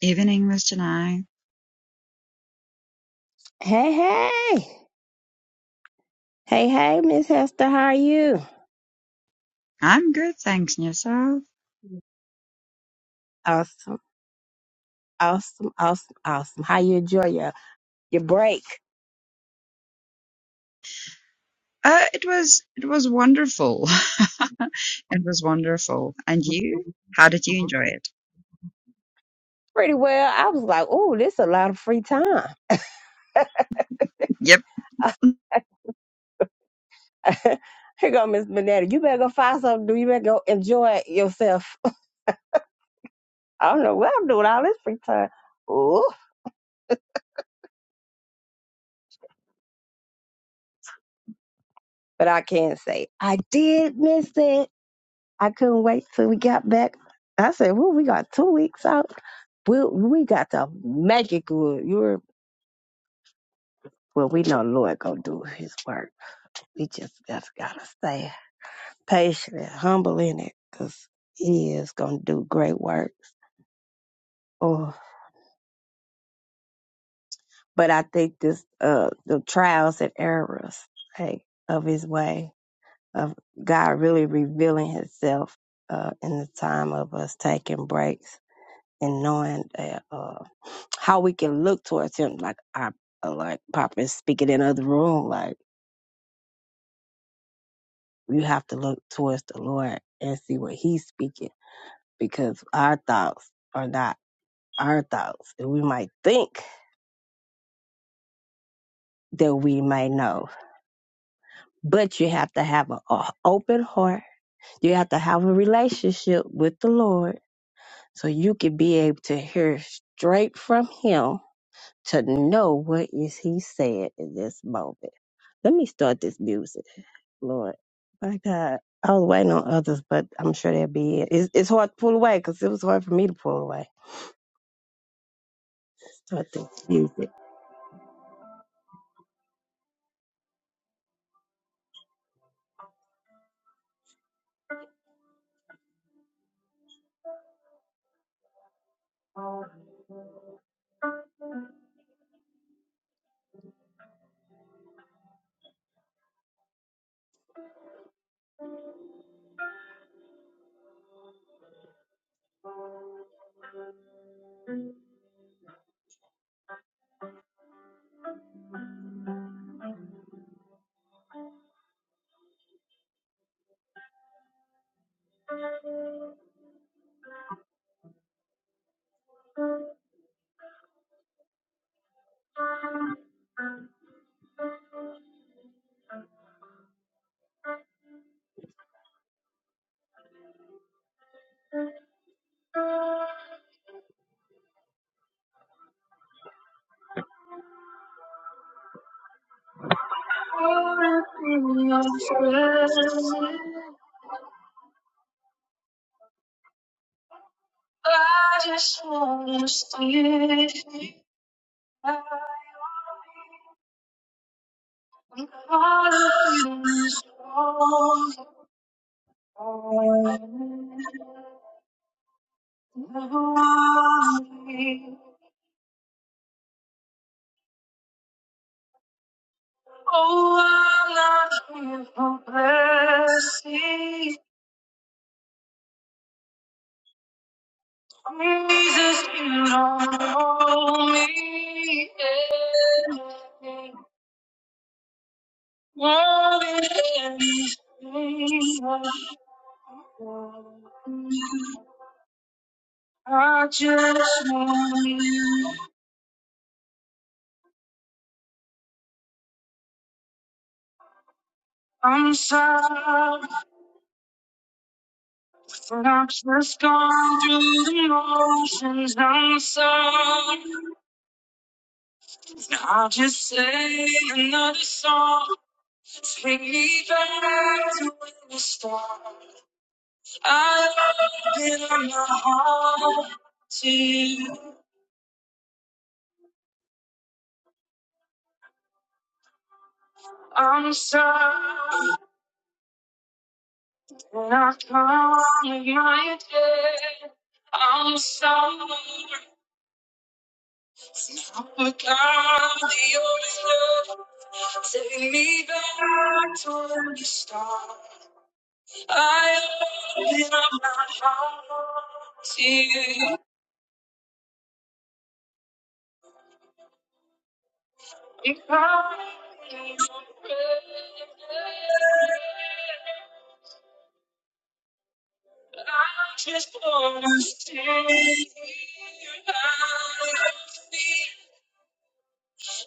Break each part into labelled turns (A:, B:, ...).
A: Evening, Mr. Nye.
B: Hey, hey. Hey, hey, Miss Hester, how are you?
A: I'm good, thanks, and yourself?
B: Awesome, awesome, awesome, awesome. How you enjoy your, your break?
A: Uh, it was it was wonderful. It was wonderful. And you? How did you enjoy it?
B: Pretty well. I was like, oh, this a lot of free time.
A: Yep.
B: Here go Miss Benetta. You better go find something to do. You better go enjoy yourself. I don't know what I'm doing all this free time. Ooh. But I can say I did miss it. I couldn't wait till we got back. I said, well, we got two weeks out. We we got the magic good. You're well, we know the Lord gonna do His work. We just just gotta stay patient and humble in it, cause He is gonna do great work. Oh, but I think this uh the trials and errors hey, of His way of God really revealing Himself uh, in the time of us taking breaks and knowing that uh, how we can look towards Him, like our uh, like Papa is speaking in other room, like. you have to look towards the Lord and see what He's speaking because our thoughts are not our thoughts. And we might think that we might know, but you have to have an open heart. You have to have a relationship with the Lord so you can be able to hear straight from Him to know what is he saying in this moment. Let me start this music, Lord. My God, I was waiting on others, but I'm sure they'll be. It. It's, it's hard to pull away because it was hard for me to pull away. Start this music. I just wanna stay I'm caught up in this moment. Oh, I'm not for blessing. Jesus, you don't owe me anything. More than anything. I just want you. I'm sorry, but I've just gone through the motions. I'm sorry. I'll just sing another song. Take me back to where we started. I open up my heart to you. I'm sorry when I come with my head. I'm sorry I forgot the old love. Take me back to where we started. I open up my heart to you because you're great. I just wanna see you out.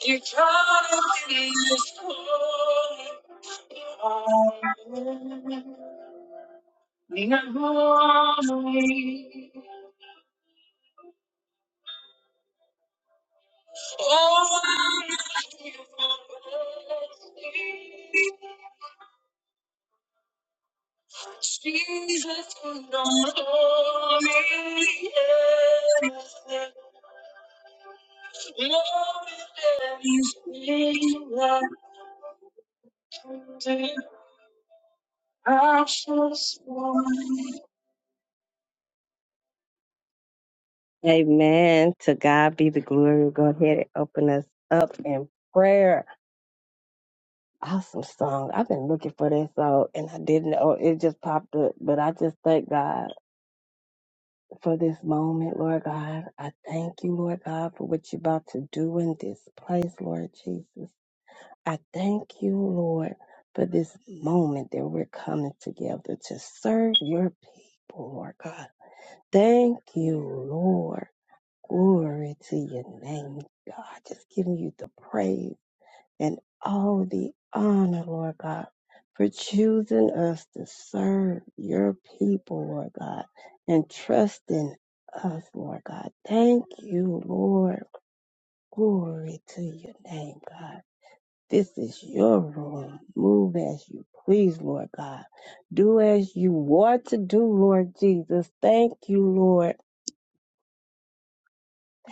B: You gotta be this cold. Lean on me. Jesus, you know me. Everything. Lord, everything that Amen. To God be the glory. Go ahead and open us up in prayer. Awesome song. I've been looking for that song and I didn't know it just popped up. But I just thank God for this moment, Lord God. I thank you, Lord God, for what you're about to do in this place, Lord Jesus. I thank you, Lord, for this moment that we're coming together to serve your people, Lord God. Thank you, Lord. Glory to your name, God. Just giving you the praise and all the honor, Lord God, for choosing us to serve your people, Lord God, and trusting us, Lord God. Thank you, Lord. Glory to your name, God. This is your room. Move as you please, Lord God. Do as you want to do, Lord Jesus. Thank you, Lord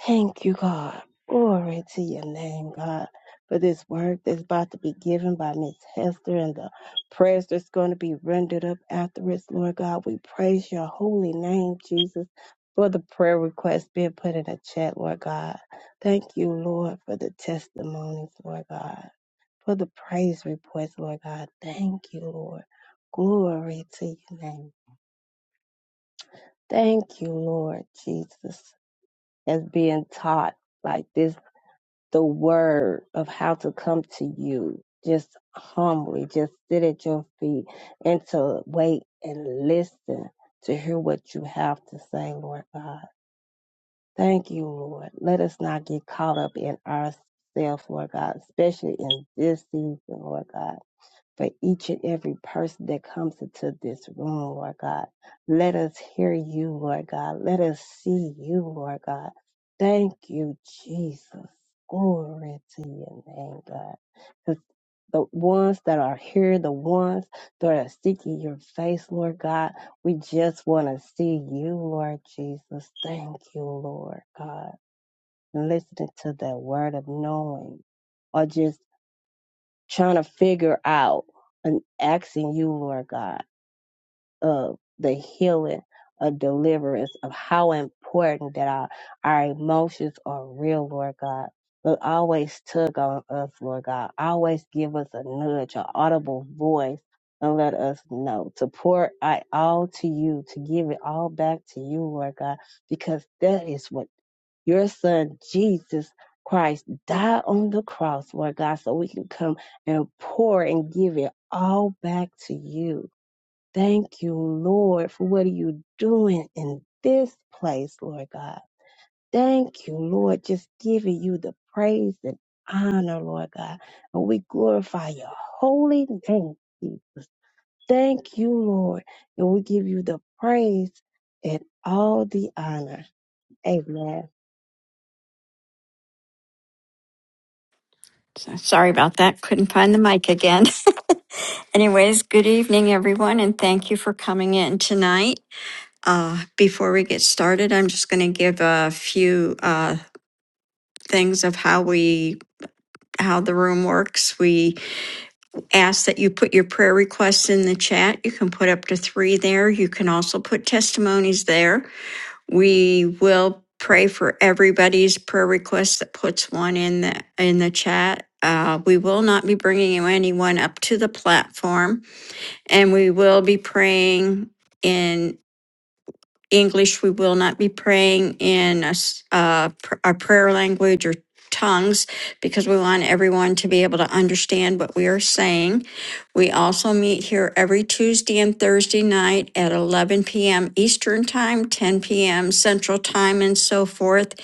B: Thank you, God. Glory to your name, God, for this word that's about to be given by Miss Hester and the prayers that's going to be rendered up afterwards, Lord God. We praise your holy name, Jesus, for the prayer request being put in the chat, Lord God. Thank you, Lord, for the testimonies, Lord God, for the praise reports, Lord God. Thank you, Lord. Glory to your name. Thank you, Lord Jesus, as being taught like this the word of how to come to you just humbly just sit at your feet and to wait and listen to hear what you have to say lord god thank you lord let us not get caught up in ourselves lord god especially in this season lord god for each and every person that comes into this room, Lord God. Let us hear you, Lord God. Let us see you, Lord God. Thank you, Jesus. Glory to your name, God. 'Cause The ones that are here, the ones that are seeking your face, Lord God, we just want to see you, Lord Jesus. Thank you, Lord God. Listening to that word of knowing, or just trying to figure out and asking you, Lord God, of the healing, of deliverance, of how important that our, our emotions are real, Lord God. But always tug on us, Lord God. Always give us a nudge, an audible voice, and let us know to pour it all to you, to give it all back to you, Lord God, because that is what your son Jesus Christ died on the cross, Lord God, so we can come and pour and give it all back to you. Thank you, Lord, for what are you doing in this place, Lord God. Thank you, Lord, just giving you the praise and honor, Lord God. And we glorify your holy name, Jesus. Thank you, Lord. And we give you the praise and all the honor. Amen.
C: So sorry about that. Couldn't find the mic again. Anyways, good evening, everyone, and thank you for coming in tonight. Uh, before we get started, I'm just going to give a few uh, things of how we how the room works. We ask that you put your prayer requests in the chat. You can put up to three there. You can also put testimonies there. We will pray for everybody's prayer request that puts one in the in the chat. Uh, we will not be bringing anyone up to the platform, and we will be praying in English, we will not be praying in a uh, pr- our prayer language or tongues because we want everyone to be able to understand what we are saying. We also meet here every Tuesday and Thursday night at 11 p.m. Eastern Time, 10 p.m. Central Time, and so forth.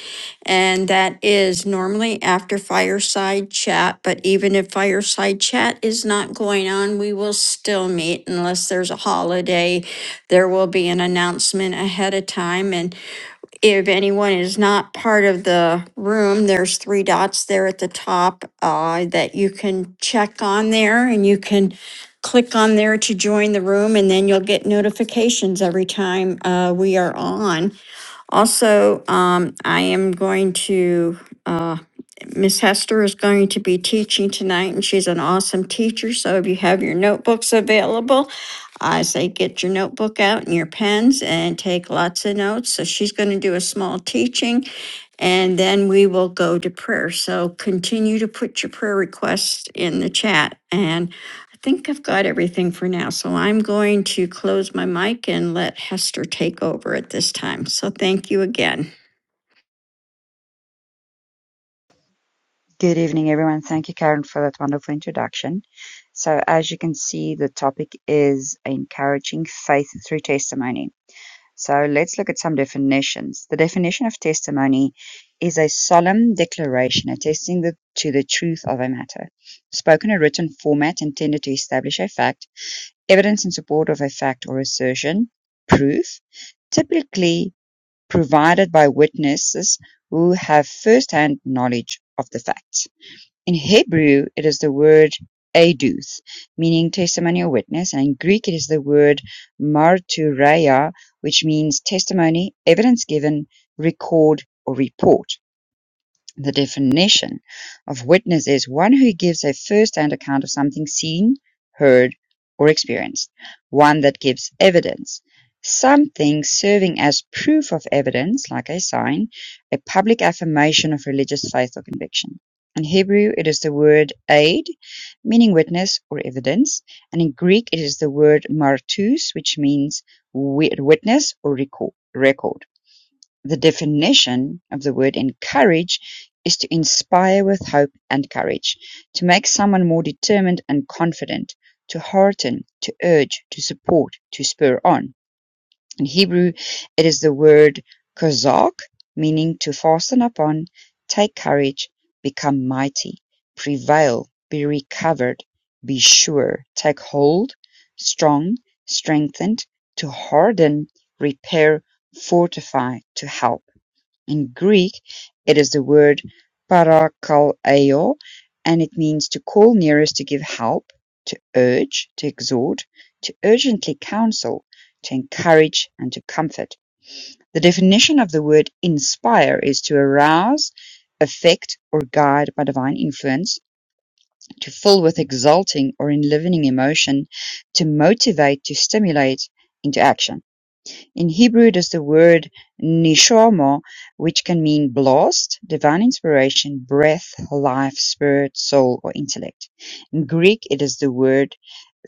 C: And that is normally after fireside chat, but even if fireside chat is not going on, we will still meet unless there's a holiday. There will be an announcement ahead of time. And if anyone is not part of the room, there's three dots there at the top uh, that you can check on there and you can click on there to join the room and then you'll get notifications every time uh, we are on. Also, um, I am going to, Miss Hester is going to be teaching tonight and she's an awesome teacher. So if you have your notebooks available, I say get your notebook out and your pens and take lots of notes. So she's going to do a small teaching and then we will go to prayer. So continue to put your prayer requests in the chat. And I think I've got everything for now. So I'm going to close my mic and let Hester take over at this time. So thank you again.
A: Good evening, everyone. Thank you, Karen, for that wonderful introduction. So, as you can see, the topic is encouraging faith through testimony. So, let's look at some definitions. The definition of testimony is a solemn declaration attesting the, to the truth of a matter, spoken or written format intended to establish a fact Evidence in support of a fact or assertion (proof) typically provided by witnesses who have first-hand knowledge of the facts. In Hebrew, it is the word "aduth", meaning testimony or witness, and in Greek it is the word martureia, which means testimony, evidence given, record, or report. The definition of witness is "one who gives a first-hand account of something seen, heard, or experienced; one that gives evidence; something serving as proof of evidence, like a sign, a public affirmation of religious faith or conviction." In Hebrew, it is the word aid, meaning witness or evidence, and in Greek, it is the word martus, which means witness or record. The definition of the word "encourage" is to inspire with hope and courage, to make someone more determined and confident, to hearten, to urge, to support, to spur on. In Hebrew, it is the word kozak, meaning to fasten upon, take courage, become mighty, prevail, be recovered, be sure, take hold, strong, strengthened, to harden, repair, fortify, to help. In Greek it is the word "parakaleo" and it means to call nearest to give help, to urge, to exhort, to urgently counsel, to encourage and to comfort. The definition of the word "inspire" is to arouse, affect or guide by divine influence, to fill with exulting or enlivening emotion, to motivate, to stimulate into action. In Hebrew it is the word "neshama" which can mean blast, divine inspiration, breath, life, spirit, soul or intellect. In Greek it is the word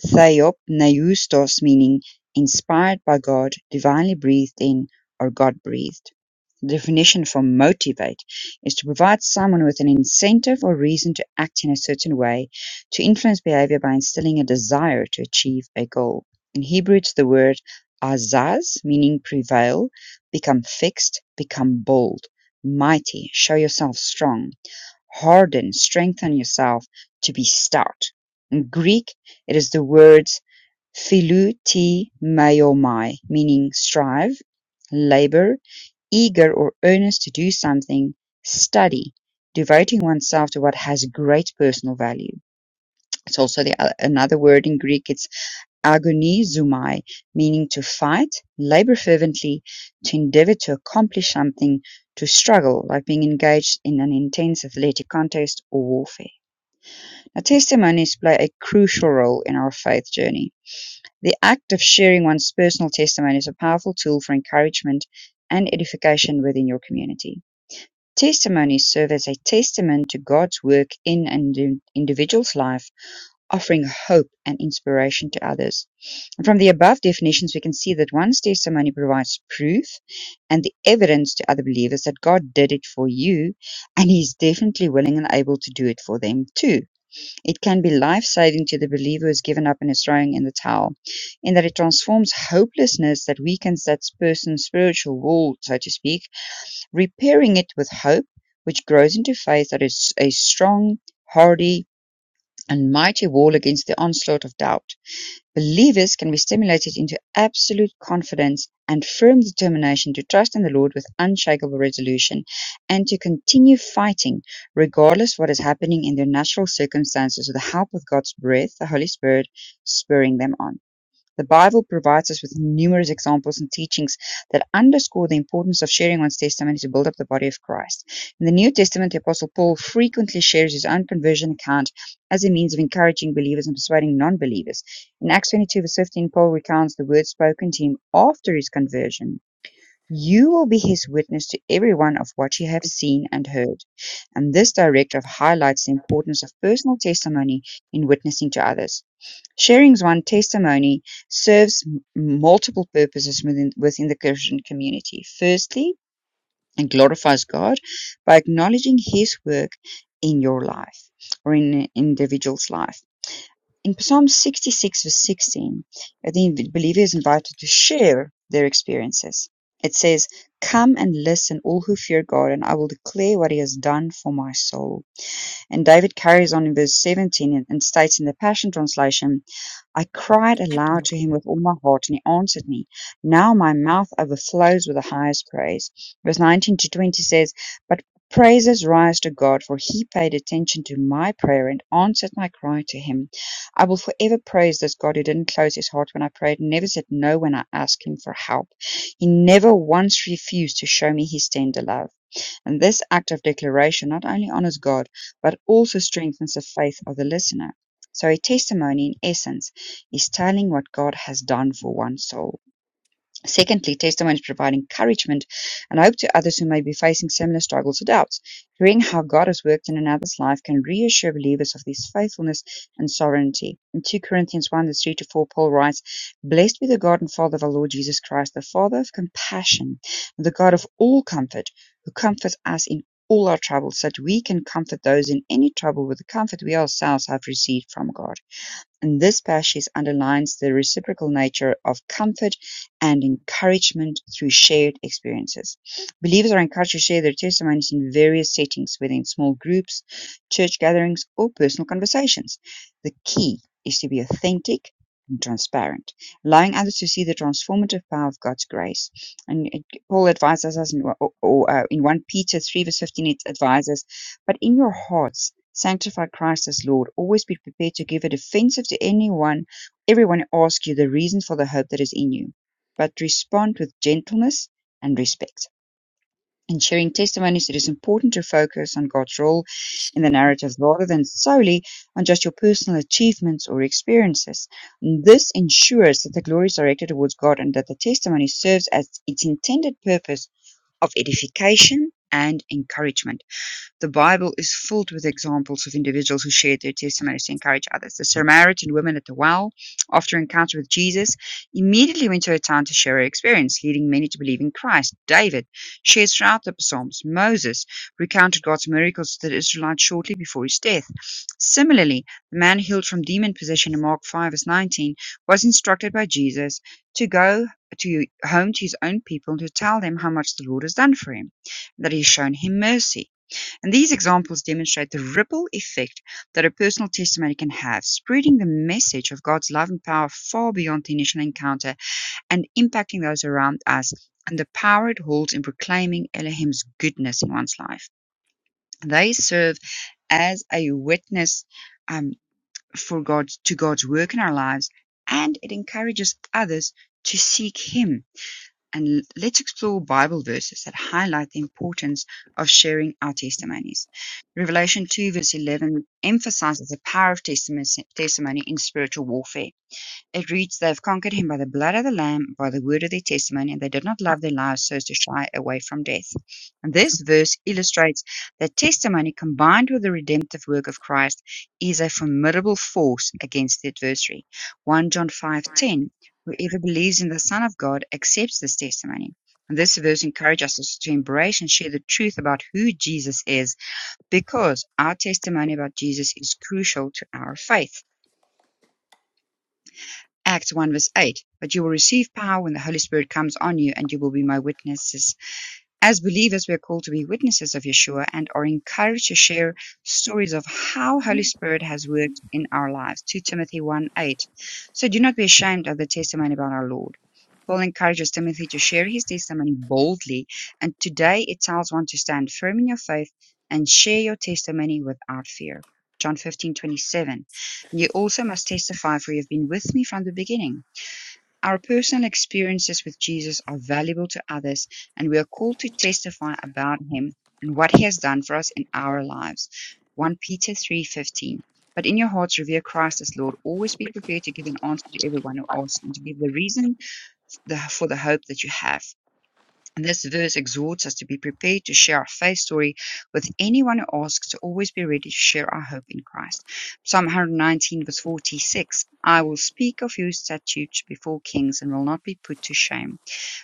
A: Theopneustos meaning "inspired by God", "divinely breathed in" or "God-breathed". The definition for "motivate" is to provide someone with an incentive or reason to act in a certain way, to influence behavior by instilling a desire to achieve a goal. In Hebrew, it's the word azaz, meaning prevail, become fixed, become bold, mighty, show yourself strong, harden, strengthen yourself, to be stout. In Greek, it is the words Philu te maiomai, meaning strive, labor, eager or earnest to do something, study, devoting oneself to what has great personal value. It's also the, another word in Greek, it's agonizomai, meaning to fight, labor fervently, to endeavor to accomplish something, to struggle, like being engaged in an intense athletic contest or warfare. Now, testimonies play a crucial role in our faith journey the act of sharing one's personal testimony is a powerful tool for encouragement and edification within your community. Testimonies serve as a testament to God's work in an individual's life, offering hope and inspiration to others. And from the above definitions, we can see that one's testimony provides proof and the evidence to other believers that God did it for you, and He's definitely willing and able to do it for them too. It can be life-saving to the believer who's given up and is throwing in the towel, in that it transforms hopelessness that weakens that person's spiritual wall, so to speak, repairing it with hope, which grows into faith that is a strong, hardy, and mighty wall against the onslaught of doubt. Believers can be stimulated into absolute confidence and firm determination to trust in the Lord with unshakable resolution and to continue fighting regardless of what is happening in their natural circumstances with the help of God's breath, the Holy Spirit, spurring them on. The Bible provides us with numerous examples and teachings that underscore the importance of sharing one's testimony to build up the body of Christ. In the New Testament, the Apostle Paul frequently shares his own conversion account as a means of encouraging believers and persuading non believers. In Acts 22, verse 15, Paul recounts the words spoken to him after his conversion. You will be his witness to everyone of what you have seen and heard. And this directive highlights the importance of personal testimony in witnessing to others. Sharing's one testimony serves m- multiple purposes within, within the Christian community. Firstly, it glorifies God by acknowledging His work in your life or in an individual's life. In Psalm 66, verse 16, uh, the believer is invited to share their experiences. It says, Come and listen, all who fear God, and I will declare what He has done for my soul. And David carries on in verse 17 and states in the Passion Translation, I cried aloud to him with all my heart, and he answered me. Now my mouth overflows with the highest praise. Verse 19 to 20 says, But praises rise to God, for he paid attention to my prayer and answered my cry to him. I will forever praise this God who didn't close his heart when I prayed, never said no when I asked him for help. He never once refused to show me his tender love. And this act of declaration not only honors God, but also strengthens the faith of the listener. So a testimony, in essence, is telling what God has done for one soul. Secondly, testimonies provide encouragement and hope to others who may be facing similar struggles or doubts. Hearing how God has worked in another's life can reassure believers of his faithfulness and sovereignty. In 2 Corinthians 1, verse 3 to 4, Paul writes, Blessed be the God and Father of our Lord Jesus Christ, the Father of compassion, and the God of all comfort, who comforts us in all our troubles, so that we can comfort those in any trouble with the comfort we ourselves have received from God. In this passage underlines the reciprocal nature of comfort and encouragement through shared experiences. Believers are encouraged to share their testimonies in various settings, whether in small groups, church gatherings, or personal conversations. The key is to be authentic and transparent, allowing others to see the transformative power of God's grace. And it- Paul advises us in, or, or, uh, in 1 Peter 3, verse 15, it advises, But in your hearts, Sanctify Christ as Lord. Always be prepared to give a defense to anyone, everyone who asks you the reason for the hope that is in you, but respond with gentleness and respect. In sharing testimonies, it is important to focus on God's role in the narrative rather than solely on just your personal achievements or experiences. This ensures that the glory is directed towards God and that the testimony serves as its intended purpose of edification and encouragement. The Bible is filled with examples of individuals who shared their testimonies to encourage others. The Samaritan woman at the well, after an encounter with Jesus, immediately went to her town to share her experience, leading many to believe in Christ. David shares throughout the Psalms. Moses recounted God's miracles to the Israelites shortly before his death. Similarly, the man healed from demon possession in Mark 5 verse 19 was instructed by Jesus to go to home to his own people and to tell them how much the Lord has done for him, that he has shown him mercy. And these examples demonstrate the ripple effect that a personal testimony can have, spreading the message of God's love and power far beyond the initial encounter and impacting those around us and the power it holds in proclaiming Elohim's goodness in one's life. They serve as a witness um, for God to God's work in our lives, and it encourages others to seek Him and let's explore Bible verses that highlight the importance of sharing our testimonies. Revelation 2, verse 11 emphasizes the power of testimony in spiritual warfare. It reads, They have conquered him by the blood of the Lamb, by the word of their testimony, and they did not love their lives so as to shy away from death. And this verse illustrates that testimony combined with the redemptive work of Christ is a formidable force against the adversary. 1 John 5:10 Whoever believes in the Son of God accepts this testimony. And this verse encourages us to embrace and share the truth about who Jesus is because our testimony about Jesus is crucial to our faith. Acts 1 verse 8, But you will receive power when the Holy Spirit comes on you, and you will be my witnesses as believers, we are called to be witnesses of Yeshua and are encouraged to share stories of how Holy Spirit has worked in our lives. 2 Timothy 1 8. So do not be ashamed of the testimony about our Lord. Paul encourages Timothy to share his testimony boldly, and today it tells one to stand firm in your faith and share your testimony without fear. John fifteen twenty seven. You also must testify, for you have been with me from the beginning. Our personal experiences with Jesus are valuable to others, and we are called to testify about him and what he has done for us in our lives. 1 Peter 3:15. But in your hearts revere Christ as Lord. Always be prepared to give an answer to everyone who asks and to give the reason the, for the hope that you have. And This verse exhorts us to be prepared to share our faith story with anyone who asks, to always be ready to share our hope in Christ. Psalm 119, verse 46 I will speak of your statutes before kings and will not be put to shame.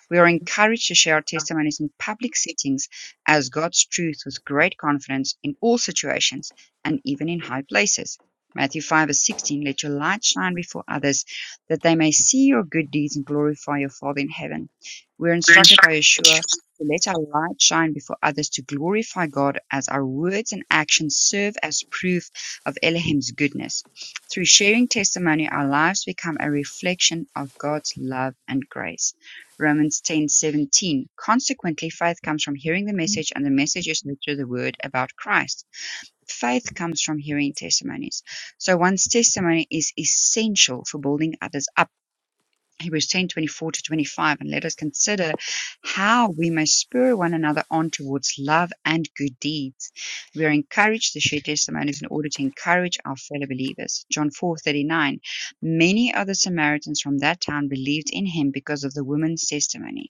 A: We are encouraged to share our testimonies in public settings as God's truth with great confidence in all situations and even in high places. Matthew 5 verse 16, let your light shine before others that they may see your good deeds and glorify your Father in heaven. We are instructed by Yeshua to let our light shine before others to glorify God as our words and actions serve as proof of Elohim's goodness. Through sharing testimony, our lives become a reflection of God's love and grace. Romans 10:17. Consequently, faith comes from hearing the message, and the message is literally the word about Christ. Faith comes from hearing testimonies. So one's testimony is essential for building others up. Hebrews 10 24 to 25. And let us consider how we may spur one another on towards love and good deeds. We are encouraged to share testimonies in order to encourage our fellow believers. John four thirty nine. 39. Many other Samaritans from that town believed in him because of the woman's testimony.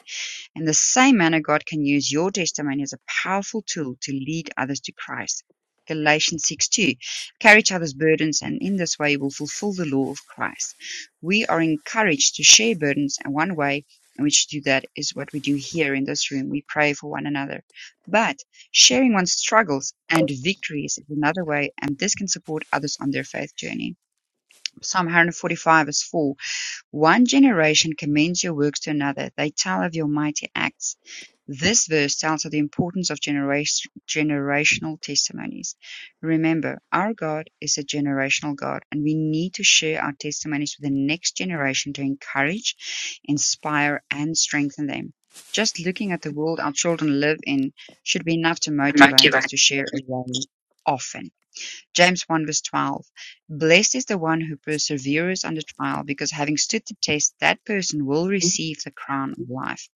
A: In the same manner, God can use your testimony as a powerful tool to lead others to Christ. Galatians 6 2. Carry each other's burdens, and in this way you will fulfill the law of Christ. We are encouraged to share burdens, and one way in which to do that is what we do here in this room. We pray for one another. But sharing one's struggles and victories is another way, and this can support others on their faith journey. Psalm 145 verse 4 one generation commends your works to another. They tell of your mighty acts. This verse tells of the importance of generation, generational testimonies. Remember, our God is a generational God, and we need to share our testimonies with the next generation to encourage, inspire, and strengthen them. Just looking at the world our children live in should be enough to motivate us to share a way often. James one verse twelve, Blessed is the one who perseveres under trial, because having stood the test, that person will receive the crown of life.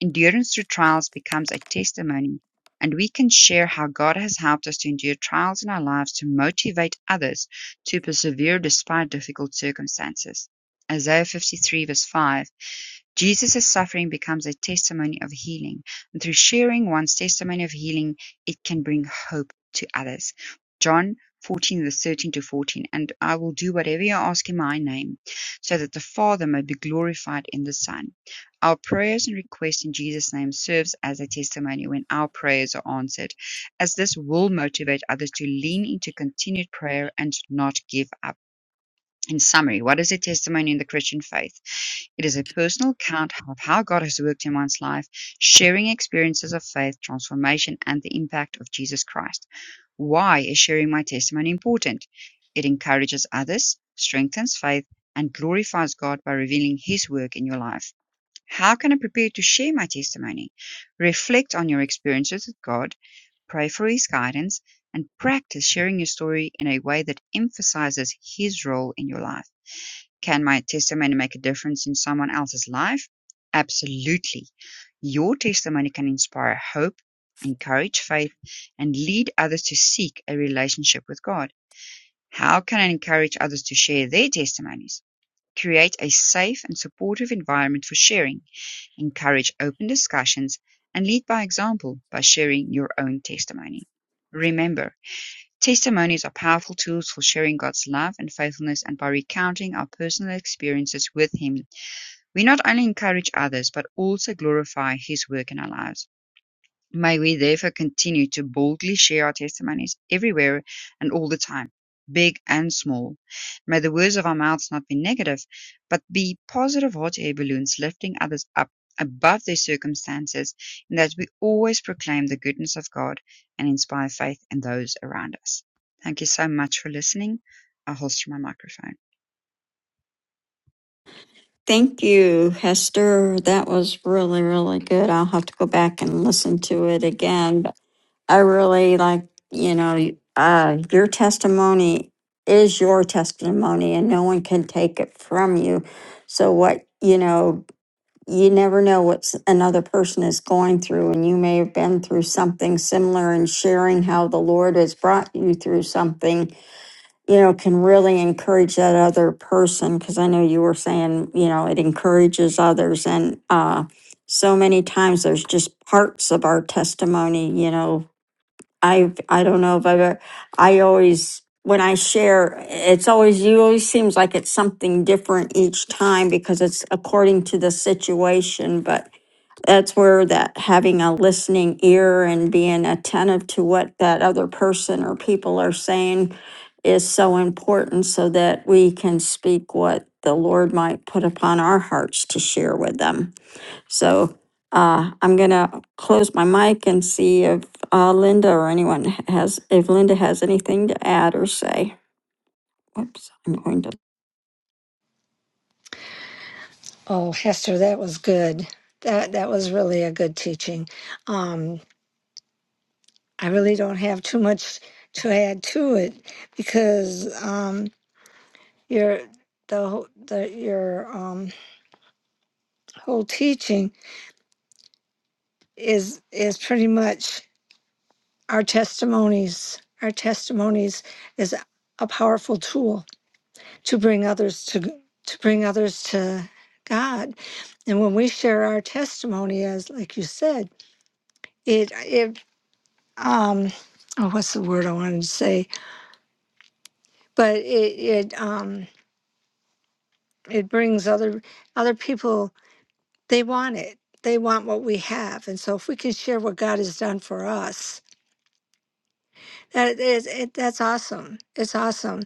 A: Endurance through trials becomes a testimony, and we can share how God has helped us to endure trials in our lives to motivate others to persevere despite difficult circumstances. Isaiah fifty three verse five. Jesus' suffering becomes a testimony of healing, and through sharing one's testimony of healing, it can bring hope to others. John 14, verse 13 to 14, and I will do whatever you ask in my name, so that the Father may be glorified in the Son. Our prayers and requests in Jesus' name serves as a testimony when our prayers are answered, as this will motivate others to lean into continued prayer and not give up. In summary, what is a testimony in the Christian faith? It is a personal account of how God has worked in one's life, sharing experiences of faith, transformation, and the impact of Jesus Christ. Why is sharing my testimony important? It encourages others, strengthens faith, and glorifies God by revealing His work in your life. How can I prepare to share my testimony? Reflect on your experiences with God, pray for His guidance, and practice sharing your story in a way that emphasizes His role in your life. Can my testimony make a difference in someone else's life? Absolutely. Your testimony can inspire hope, encourage faith, and lead others to seek a relationship with God. How can I encourage others to share their testimonies? Create a safe and supportive environment for sharing, encourage open discussions, and lead by example by sharing your own testimony. Remember, Testimonies are powerful tools for sharing God's love and faithfulness and by recounting our personal experiences with Him, we not only encourage others but also glorify His work in our lives. May we therefore continue to boldly share our testimonies everywhere and all the time, big and small. May the words of our mouths not be negative, but be positive hot air balloons lifting others up above their circumstances, and that we always proclaim the goodness of God and inspire faith in those around us. Thank you so much for listening. I'll holster my microphone.
C: Thank you, Hester. That was really, really good. I'll have to go back and listen to it again. I really like, you know, uh, your testimony is your testimony and no one can take it from you. So, what, you know, you never know what s- another person is going through, and you may have been through something similar, and sharing how the Lord has brought you through something, you know, can really encourage that other person. Because I know you were saying, you know, it encourages others. And uh, so many times there's just parts of our testimony, you know, I I don't know if I've ever, I always when I share it's always you always seems like it's something different each time because it's according to the situation but that's where that having a listening ear and being attentive to what that other person or people are saying is so important so that we can speak what the Lord might put upon our hearts to share with them. So uh, I'm gonna close my mic and see if uh, Linda or anyone has, if Linda has anything to add or say. Whoops, I'm going to,
D: Oh, Hester, that was good. That that was really a good teaching. Um, I really don't have too much to add to it because um, your the whole- the your um, whole teaching is is pretty much our testimonies. Our testimonies is a powerful tool to bring others to to bring others to God, and when we share our testimony, as like you said, it it um oh, what's the word I wanted to say? But it it um it brings other other people they want it. They want what we have. And so if we can share what God has done for us, that is it, that's awesome. It's awesome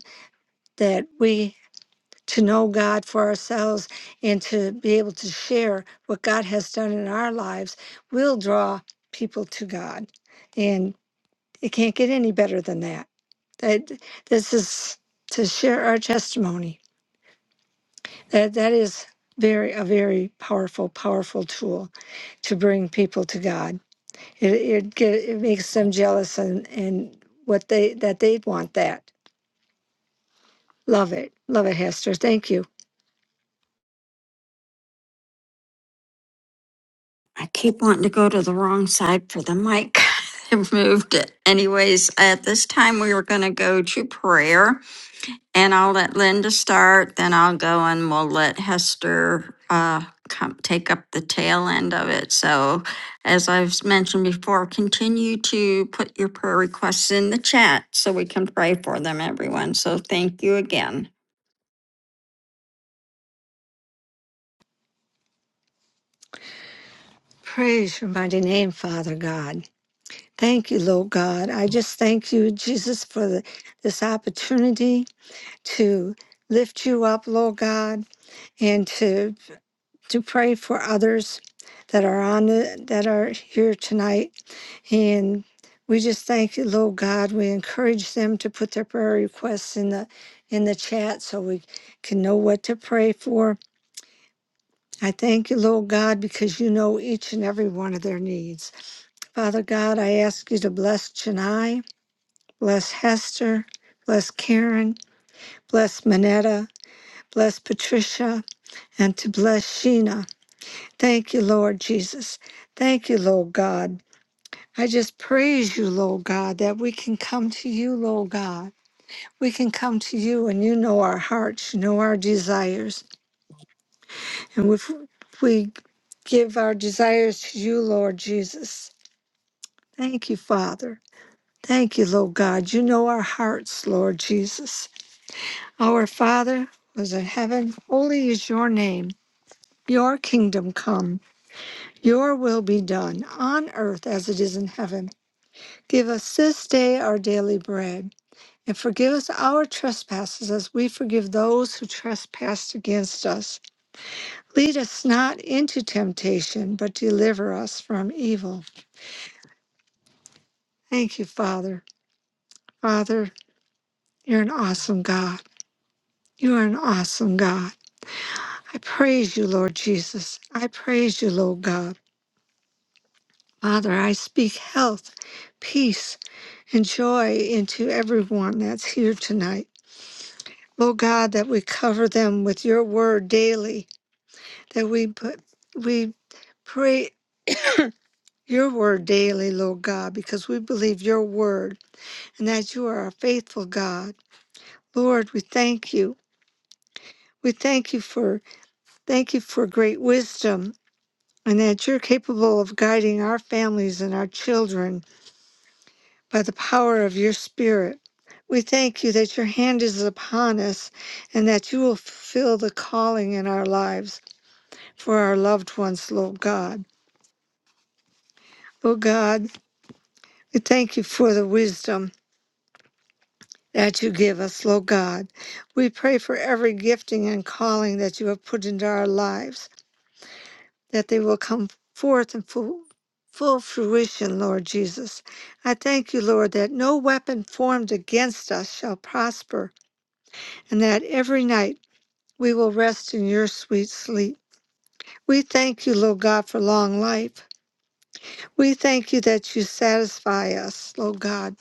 D: that we to know God for ourselves and to be able to share what God has done in our lives will draw people to God. and. It can't get any better than that. That this is to share our testimony. That that is very a very powerful, powerful tool to bring people to God. It it, get, it makes them jealous and and what they that they want that. Love it, love it, Hester. Thank you.
C: I keep wanting to go to the wrong side for the mic. I moved it. Anyways, at this time, we were gonna go to prayer. And I'll let Linda start, then I'll go and we'll let Hester uh, come take up the tail end of it. So, as I've mentioned before, continue to put your prayer requests in the chat so we can pray for them, everyone. So, thank you again.
D: Praise your mighty name, Father God. Thank you, Lord God. I just thank you, Jesus, for the, this opportunity to lift you up, Lord God, and to to pray for others that are on the, that are here tonight and we just thank you lord god we encourage them to put their prayer requests in the in the chat so we can know what to pray for i thank you lord god because you know each and every one of their needs father god i ask you to bless chennai bless hester bless karen bless manetta bless patricia and to bless sheena Thank you, Lord Jesus. Thank you, Lord God. I just praise you, Lord God, that we can come to you, Lord God. We can come to you, and you know our hearts, you know our desires. And if we give our desires to you, Lord Jesus, thank you, Father. Thank you, Lord God. You know our hearts, Lord Jesus. Our Father who is in heaven, holy is your name. Your kingdom come, your will be done on earth as it is in heaven. Give us this day our daily bread, and forgive us our trespasses as we forgive those who trespass against us. Lead us not into temptation, but deliver us from evil. Thank you, Father. Father, you're an awesome God. You are an awesome God. I praise you, Lord Jesus. I praise you, Lord God. Father, I speak health, peace, and joy into everyone that's here tonight. Lord God, that we cover them with your word daily that we put we pray your word daily, Lord God, because we believe your word and that you are a faithful God. Lord, we thank you. We thank you for thank you for great wisdom and that you're capable of guiding our families and our children by the power of your spirit. We thank you that your hand is upon us and that you will fulfill the calling in our lives for our loved ones, Lord God. Lord God, we thank you for the wisdom that you give us, Lord God. We pray for every gifting and calling that you have put into our lives, that they will come forth in full, full fruition, Lord Jesus. I thank you, Lord, that no weapon formed against us shall prosper, and that every night we will rest in your sweet sleep. We thank you, Lord God, for long life. We thank you that you satisfy us, Lord God,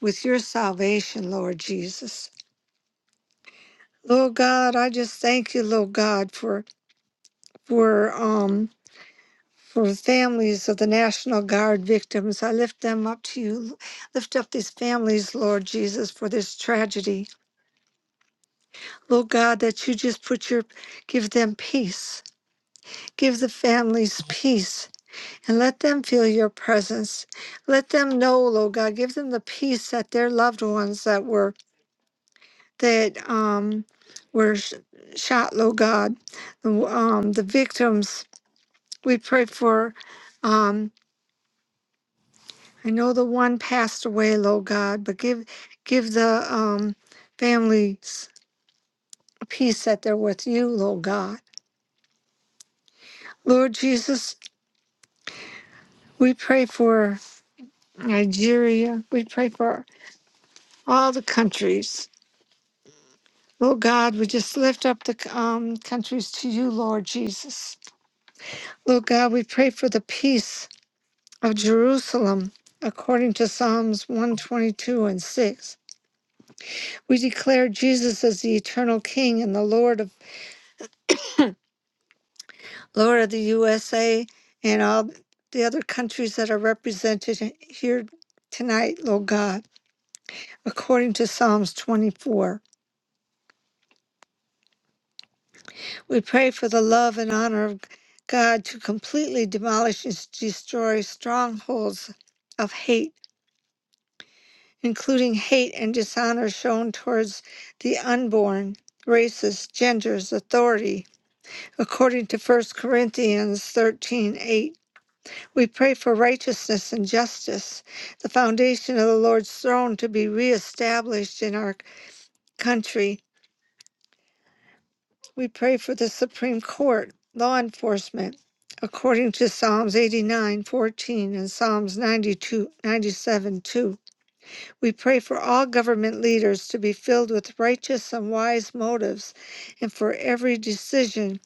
D: with your salvation, Lord Jesus. Lord God, I just thank you, Lord God, for for um for the families of the National Guard victims. I lift them up to you. Lift up these families, Lord Jesus, for this tragedy. Lord God, that you just put your give them peace. Give the families peace. And let them feel your presence. Let them know, Lord God, give them the peace that their loved ones that were that um were sh- shot, Lord God, um, the victims. We pray for um, I know the one passed away, Lord God, but give give the um, families a peace that they're with you, Lord God. Lord Jesus, we pray for Nigeria. We pray for all the countries. Lord God, we just lift up the um, countries to you, Lord Jesus. Lord God, we pray for the peace of Jerusalem according to Psalms 122 and 6. We declare Jesus as the eternal King and the Lord of Lord of the USA and all the other countries that are represented in- here tonight, Lord God, according to Psalms 24. We pray for the love and honor of God to completely demolish and s- destroy strongholds of hate, including hate and dishonor shown towards the unborn, races, genders, authority, according to First Corinthians 13:8. We pray for righteousness and justice, the foundation of the Lord's throne to be reestablished in our country. We pray for the Supreme Court, law enforcement, according to Psalms 89 14 and Psalms ninety-two ninety-seven, 2. We pray for all government leaders to be filled with righteous and wise motives, and for every decision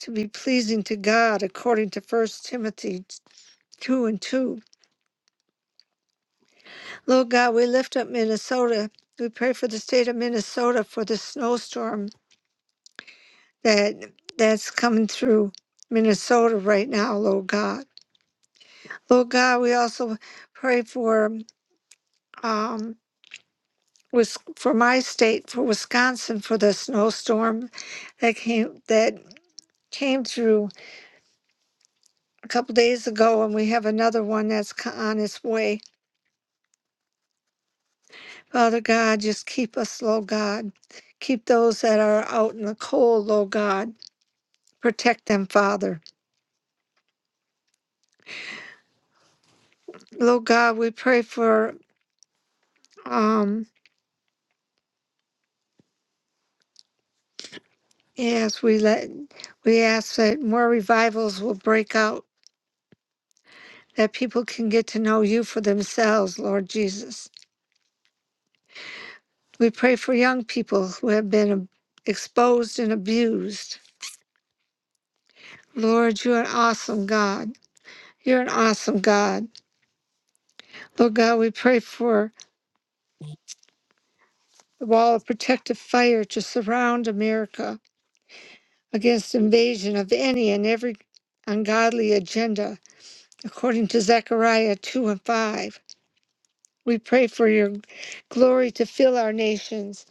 D: to be pleasing to God, according to First Timothy 2 and 2. Lord God, we lift up Minnesota. We pray for the state of Minnesota for the snowstorm that that's coming through Minnesota right now, Lord God. Lord God, we also pray for um Wis- for my state, for Wisconsin, for the snowstorm that came that came through a couple days ago, and we have another one that's co- on its way. Father God, just keep us, Lord God. Keep those that are out in the cold, Lord God Protect them, Father. Lord God, we pray for um yes, we let we ask that more revivals will break out, that people can get to know you for themselves, Lord Jesus. We pray for young people who have been ab- exposed and abused. Lord, you're an awesome God. You're an awesome God. Lord God, we pray for the wall of protective fire to surround America against invasion of any and every ungodly agenda According to Zechariah 2 and 5, we pray for your glory to fill our nations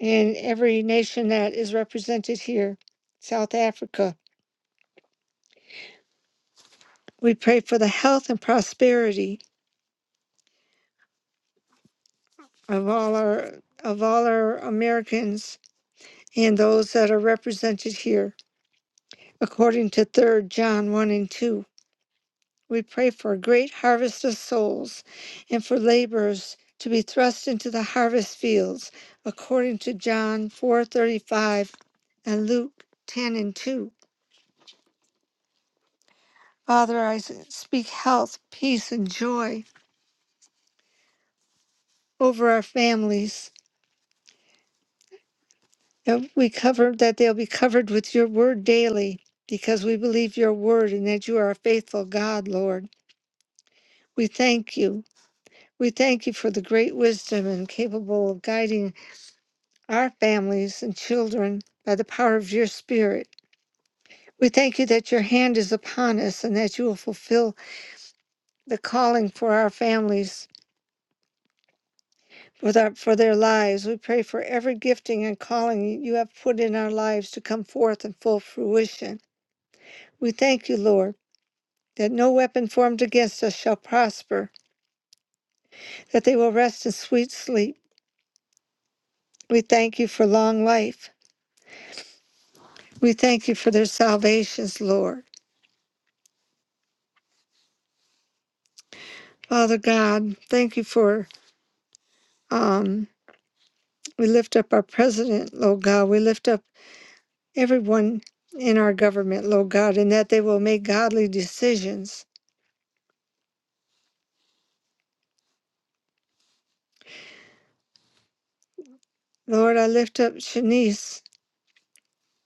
D: and every nation that is represented here, South Africa. We pray for the health and prosperity of all our of all our Americans and those that are represented here, according to Third John 1 and 2. We pray for a great harvest of souls and for laborers to be thrust into the harvest fields according to John 4:35 and Luke 10 and 2. Father, I speak health, peace, and joy over our families. That we cover that they'll be covered with your word daily because we believe your word and that you are a faithful God, Lord. We thank you. We thank you for the great wisdom and capable of guiding our families and children by the power of your Spirit. We thank you that your hand is upon us and that you will fulfill the calling for our families, for their, for their lives. We pray for every gifting and calling you have put in our lives to come forth in full fruition. We thank you, Lord, that no weapon formed against us shall prosper, that they will rest in sweet sleep. We thank you for long life. We thank you for their salvations, Lord. Father God, thank you for. Um, We lift up our president, Lord God. We lift up everyone in our government, Lord God, and that they will make godly decisions. Lord, I lift up Shanice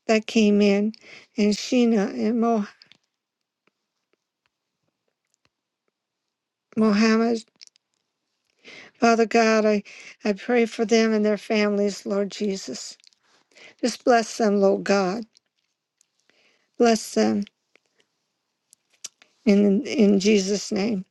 D: that came in, and Sheena and Mo- Mohammed. Father God, I, I pray for them and their families, Lord Jesus. Just bless them, Lord God. Bless them in in Jesus' name.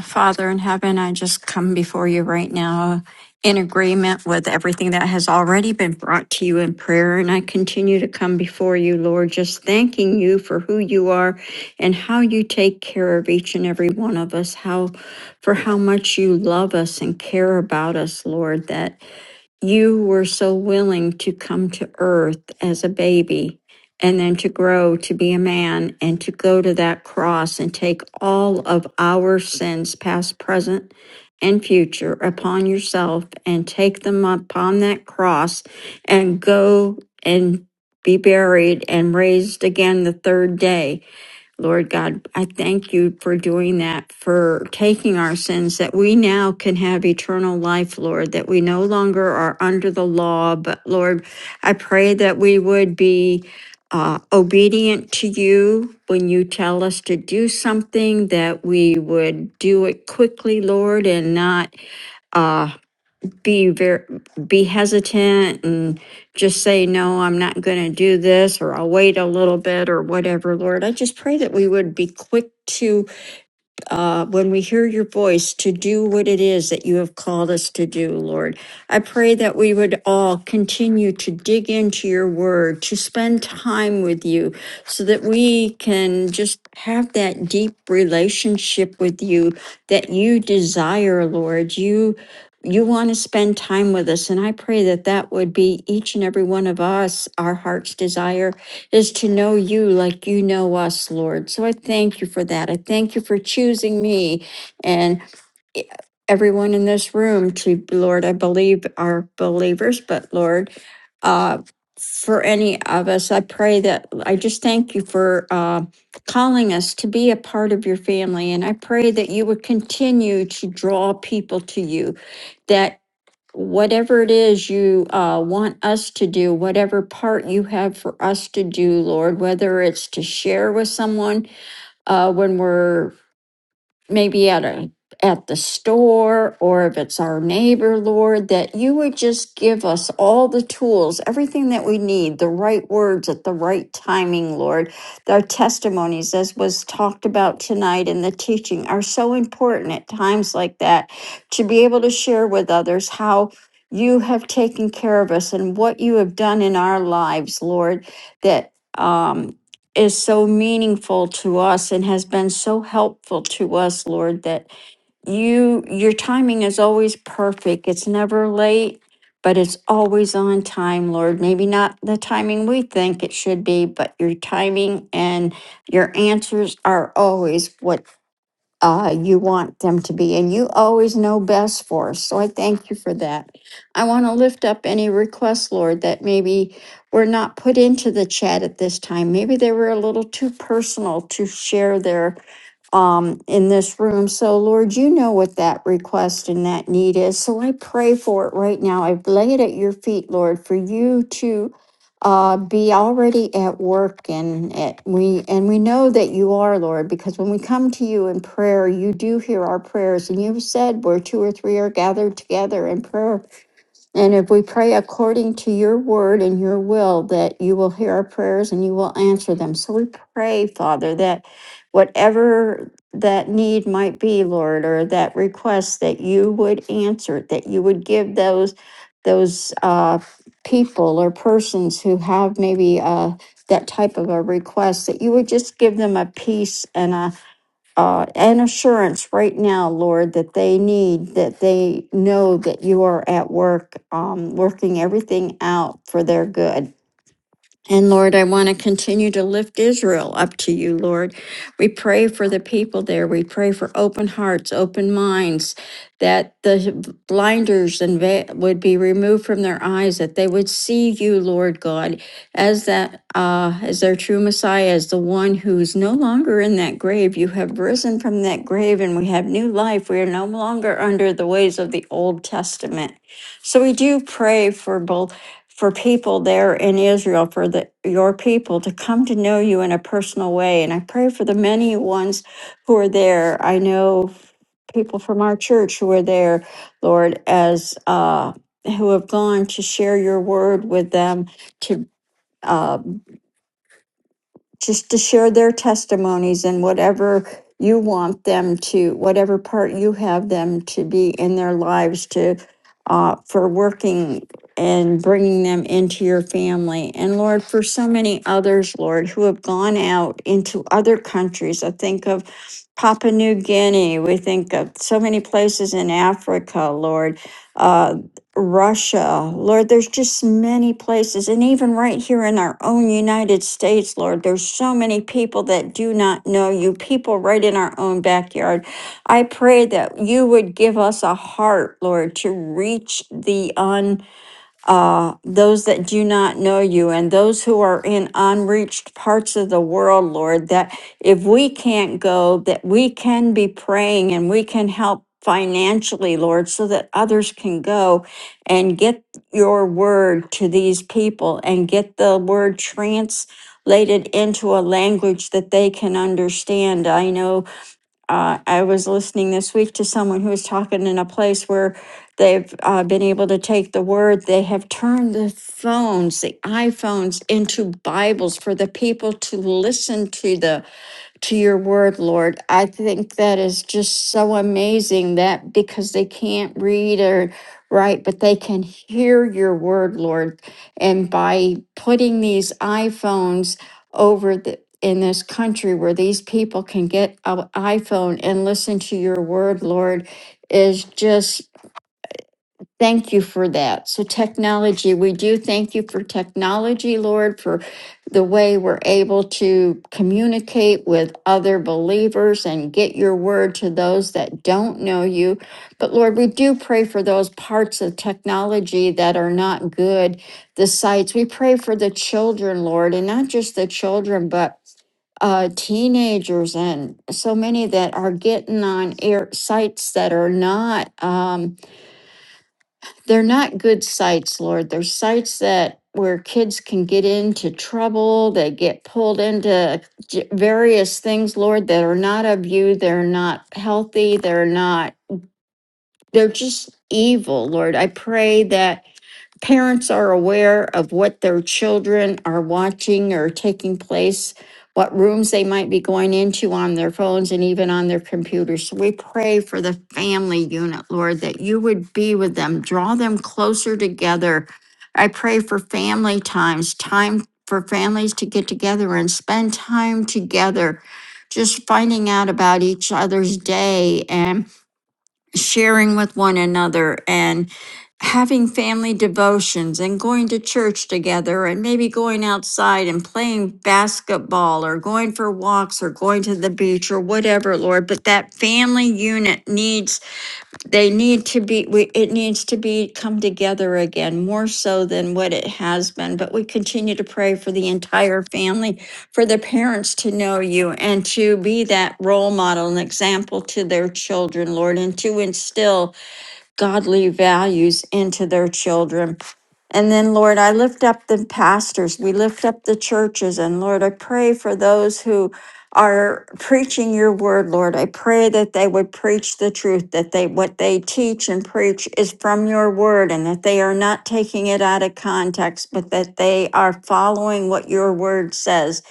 C: Father in heaven, I just come before you right now in agreement with everything that has already been brought to you in prayer. And I continue to come before you, Lord, just thanking you for who you are and how you take care of each and every one of us, how for how much you love us and care about us, Lord, that you were so willing to come to earth as a baby and then to grow to be a man and to go to that cross and take all of our sins, past, present, and future, upon yourself and take them upon that cross and go and be buried and raised again the third day. Lord God, I thank you for doing that, for taking our sins, that we now can have eternal life, Lord, that we no longer are under the law. But Lord, I pray that we would be uh, obedient to you when you tell us to do something, that we would do it quickly, Lord, and not. Uh, be very, be hesitant and just say, no, I'm not going to do this, or I'll wait a little bit, or whatever, Lord. I just pray that we would be quick to uh, when we hear your voice to do what it is that you have called us to do, Lord. I pray that we would all continue to dig into your word, to spend time with you, so that we can just have that deep relationship with you that you desire, Lord. You you want to spend time with us and i pray that that would be each and every one of us our heart's desire is to know you like you know us, Lord. So I thank you for that. I thank you for choosing me and e- everyone in this room to, Lord, I believe are believers, but Lord, uh, for any of us, I pray that I just thank you for uh, calling us to be a part of your family. And I pray that you would continue to draw people to you, That whatever it is you uh, want us to do, whatever part you have for us to do, Lord, whether it's to share with someone uh, when we're maybe at a at the store or if it's our neighbor lord that you would just give us all the tools everything that we need the right words at the right timing lord our testimonies as was talked about tonight in the teaching are so important at times like that to be able to share with others how you have taken care of us and what you have done in our lives lord that um, is so meaningful to us and has been so helpful to us, Lord, that you your timing is always perfect. It's never late, but it's always on time, Lord. Maybe not the timing we think it should be, but your timing and your answers are always what uh, you want them to be, and you always know best for us. So I thank you for that. I want to lift up any requests, Lord, that maybe were not put into the chat at this time. Maybe they were a little too personal to share their um, in this room. So, Lord, you know what that request and that need is. So I pray for it right now. I lay it at your feet, Lord, for you to uh, be already at work, and at, we and we know that you are, Lord, because when we come to you in prayer, you do hear our prayers, and you've said where two or three are gathered together in prayer. And if we pray according to your word and your will, that you will hear our prayers and you will answer them. So we pray, Father, that whatever that need might be, Lord, or that request, that you would answer it, that you would give those those uh, people or persons who have maybe uh, that type of a request, that you would just give them a peace and a uh, an assurance right now, Lord, that they need, that they know that you are at work, um, working everything out for their good. And Lord, I want to continue to lift Israel up to you, Lord. We pray for the people there. We pray for open hearts, open minds, that the blinders and veil would be removed from their eyes, that they would see you, Lord God, as that uh, as their true Messiah, as the one who's no longer in that grave. You have risen from that grave, and we have new life. We are no longer under the ways of the Old Testament. So we do pray for both for people there in Israel, for the, your people to come to know you in a personal way. And I pray for the many ones who are there. I know people from our church who are there, Lord, as uh, who have gone to share your word with them to. uh just to share their testimonies and whatever you want them to, whatever part you have them to be in their lives to, uh, for working and bringing them into your family. And Lord, for so many others, Lord, who have gone out into other countries, I think of Papua New Guinea, we think of so many places in Africa, Lord. uh. Russia. Lord, there's just many places. And even right here in our own United States, Lord, there's so many people that do not know you, people right in our own backyard. I pray that you would give us a heart, Lord, to reach the un uh, those that do not know you and those who are in unreached parts of the world, Lord, that if we can't go, that we can be praying and we can help financially, Lord, so that others can go and get your word to these people and get the word translated into a language that they can understand. I know uh, I was listening this week to someone who was talking in a place where they've uh, been able to take the word. They have turned the phones, the iPhones, into Bibles for the people to listen to the to your word, Lord. I think that is just so amazing that because they can't read or write, but they can hear your word, Lord. And by putting these iPhones over the in this country where these people can get an iPhone and listen to your word, Lord, is just Thank you for that. So, technology, we do thank you for technology, Lord, for the way we're able to communicate with other believers and get your word to those that don't know you. But, Lord, we do pray for those parts of technology that are not good, the sites. We pray for the children, Lord, and not just the children, but uh, teenagers and so many that are getting on air sites that are not. Um, they're not good sites, Lord. They're sites that where kids can get into trouble, they get pulled into j- various things, Lord, that are not of you. They're not healthy. They're not, they're just evil, Lord. I pray that parents are aware of what their children are watching or taking place, what rooms they might be going into on their phones and even on their computers. So we pray for the family unit, Lord, that you would be with them, draw them closer together. I pray for family times, time for families to get together and spend time together, just finding out about each other's day and sharing with one another and having family devotions and going to church together and maybe going outside and playing basketball or going for walks or going to the beach or whatever, Lord. But that family unit needs they need to be we, it needs to be come together again more so than what it has been but we continue to pray for the entire family for the parents to know you and to be that role model and example to their children lord and to instill godly values into their children. And then, Lord, I lift up the pastors. We lift up the churches. And Lord, I pray for those who are preaching your word, Lord. I pray that they would preach the truth, that they what they teach and preach is from your word, and that they are not taking it out of context, but that they are following what your word says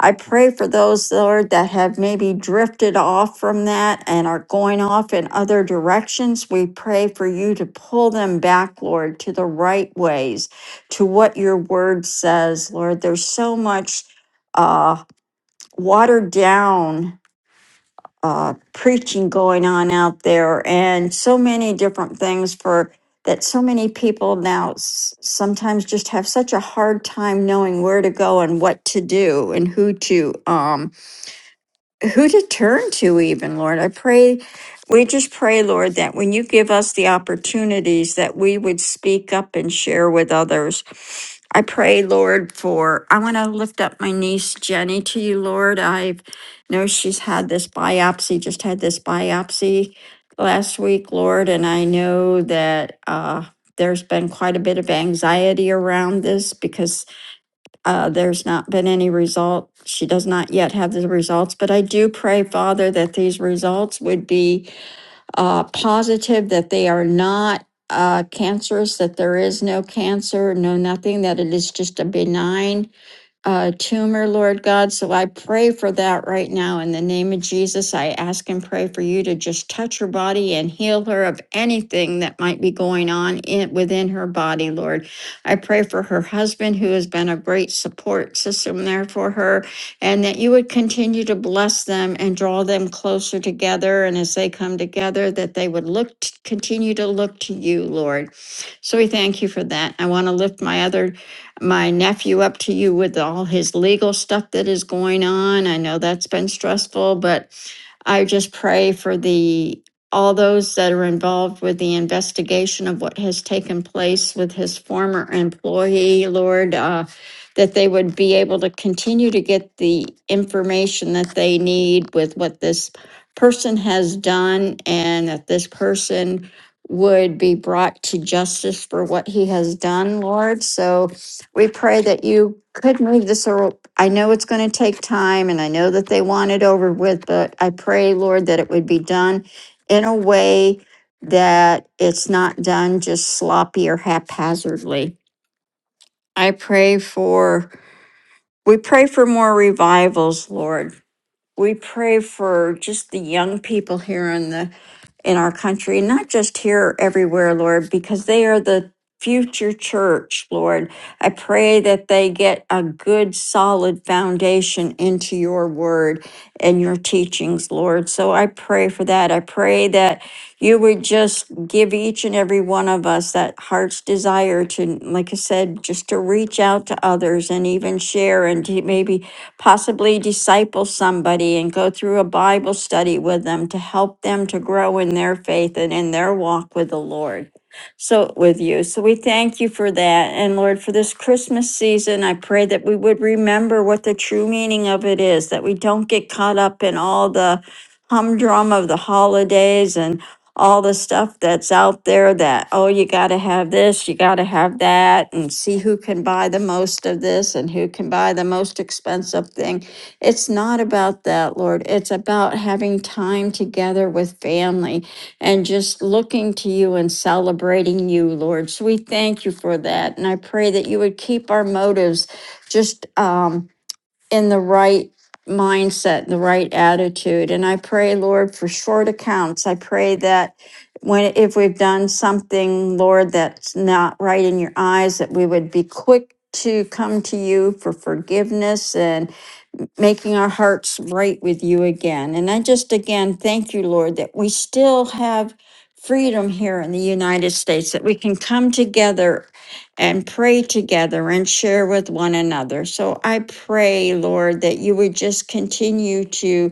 C: I pray for those, Lord, that have maybe drifted off from that and are going off in other directions. We pray for you to pull them back, Lord, to the right ways, to what your word says, Lord. There's so much uh, watered down uh, preaching going on out there and so many different things for that so many people now s- sometimes just have such a hard time knowing where to go and what to do and who to. um, who to turn to even lord i pray we just pray lord that when you give us the opportunities that we would speak up and share with others i pray lord for i want to lift up my niece jenny to you lord i know she's had this biopsy just had this biopsy last week lord and i know that uh there's been quite a bit of anxiety around this because uh, there's not been any result. She does not yet have the results, but I do pray, Father, that these results would be uh, positive, that they are not uh, cancerous, that there is no cancer, no nothing, that it is just a benign uh, tumor, Lord God. So I pray for that right now in the name of Jesus. I ask and pray for you to just touch her body and heal her of anything that might be going on in, within her body, Lord. I pray for her husband, who has been a great support system there for her, and that you would continue to bless them and draw them closer together. And as they come together, that they would look, to, continue to look to you, Lord. So we thank you for that. I want to lift my other my nephew up to you with all his legal stuff that is going on. I know that's been stressful, but I just pray for the all those that are involved with the investigation of what has taken place with his former employee, Lord, uh, that they would be able to continue to get the information that they need with what this person has done, and that this person would be brought to justice for what he has done, Lord. So we pray that you could move this, or I know it's going to take time and I know that they want it over with, but I pray, Lord, that it would be done in a way that it's not done just sloppy or haphazardly. I pray for, we pray for more revivals, Lord. We pray for just the young people here in the in our country, not just here, everywhere, Lord, because they are the future church, Lord. I pray that they get a good, solid foundation into your word and your teachings, Lord. So I pray for that. I pray that you would just give each and every one of us that heart's desire to, like I said, just to reach out to others and even share and to maybe possibly disciple somebody and go through a Bible study with them to help them to grow in their faith and in their walk with the Lord. So, with you. So, we thank you for that. And Lord, for this Christmas season, I pray that we would remember what the true meaning of it is, that we don't get caught up in all the humdrum of the holidays and all the stuff that's out there that, oh, you got to have this, you got to have that, and see who can buy the most of this and who can buy the most expensive thing. It's not about that, Lord. It's about having time together with family and just looking to you and celebrating you, Lord. So we thank you for that. And I pray that you would keep our motives just, um, in the right mindset, the right attitude. And I pray, Lord, for short accounts. I pray that when if we've done something, Lord, that's not right in your eyes, that we would be quick to come to you for forgiveness and making our hearts right with you again. And I just again thank you, Lord, that we still have freedom here in the United States, that we can come together and pray together and share with one another. So I pray, Lord, that you would just continue to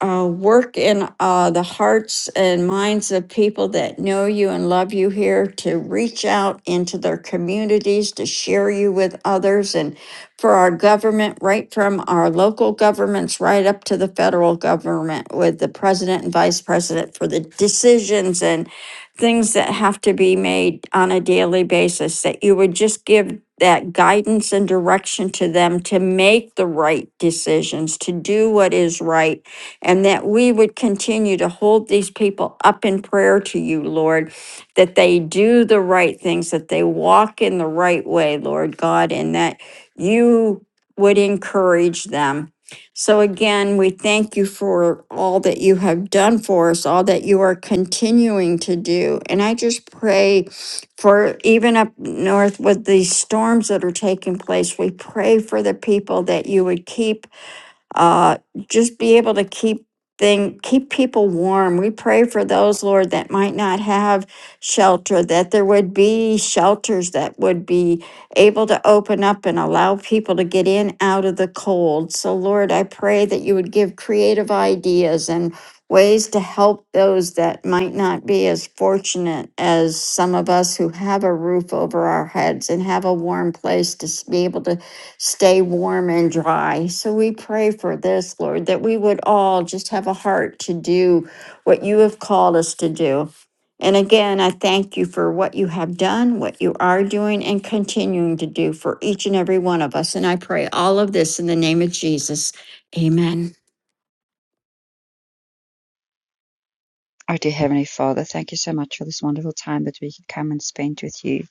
C: uh, work in uh, the hearts and minds of people that know you and love you here to reach out into their communities to share you with others and for our government right from our local governments right up to the federal government with the president and vice president for the decisions and things that have to be made on a daily basis that you would just give that guidance and direction to them to make the right decisions to do what is right and that we would continue to hold these people up in prayer to you, Lord, that they do the right things, that they walk in the right way, Lord God, and that you would encourage them. So again, we thank you for all that you have done for us, all that you are continuing to do. And I just pray for even up north with these storms that are taking place, we pray for the people that you would keep uh, just be able to keep thing keep people warm. We pray for those, Lord, that might not have shelter, that there would be shelters that would be able to open up and allow people to get in out of the cold. So Lord, I pray that you would give creative ideas and ways to help those that might not be as fortunate as some of us who have a roof over our heads and have a warm place to s- be able to stay warm and dry. So we pray for this, Lord, that we would all just have a heart to do what you have called us to do. And again, I thank you for what you have done, what you are doing, and continuing to do for each and every one of us. And I pray all of this in the name of Jesus. Amen.
A: Oh, dear Heavenly Father, thank you so much for this wonderful time that we could come and spend with you.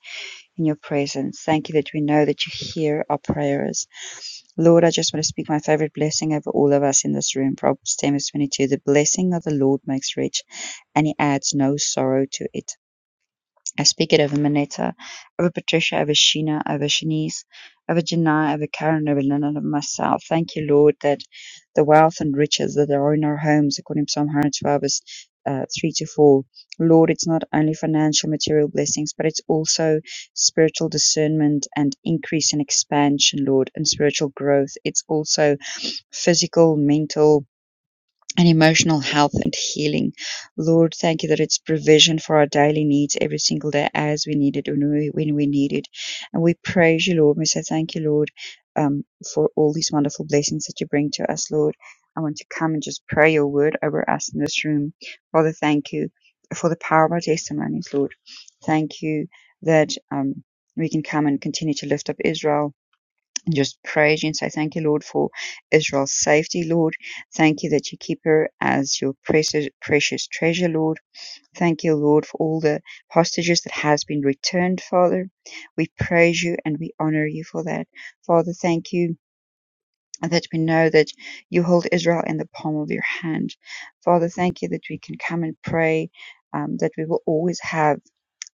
A: in your presence. Thank you that we know that you hear our prayers. Lord, I just want to speak my favorite blessing over all of us in this room. Proverbs 10 verse 22. The blessing of the Lord makes rich, and he adds no sorrow to it. I speak it over Manetta, over Patricia, over Sheena, over Shanice, over Janai, over Karen, over Lynn, and over myself. Thank you, Lord, that the wealth and riches that are in our homes, according to Psalm 112, verse uh, 3 to 4. Lord, it's not only financial, material blessings, but it's also spiritual discernment and increase and expansion, Lord, and spiritual growth. It's also physical, mental, and emotional health and healing. Lord, thank you that it's provision for our daily needs every single day as we need it when we, when we need it. And we praise you, Lord. We say thank you, Lord, um, for all these wonderful blessings that you bring to us, Lord. I want to come and just pray your word over us in this room. Father, thank you for the power of our testimonies, Lord. Thank you that um, we can come and continue to lift up Israel just praise you and say thank you, Lord, for Israel's safety, Lord. Thank you that you keep her as your precious, precious treasure, Lord. Thank you, Lord, for all the hostages that has been returned, Father. We praise you and we honor you for that. Father, thank you that we know that you hold Israel in the palm of your hand. Father, thank you that we can come and pray, um, that we will always have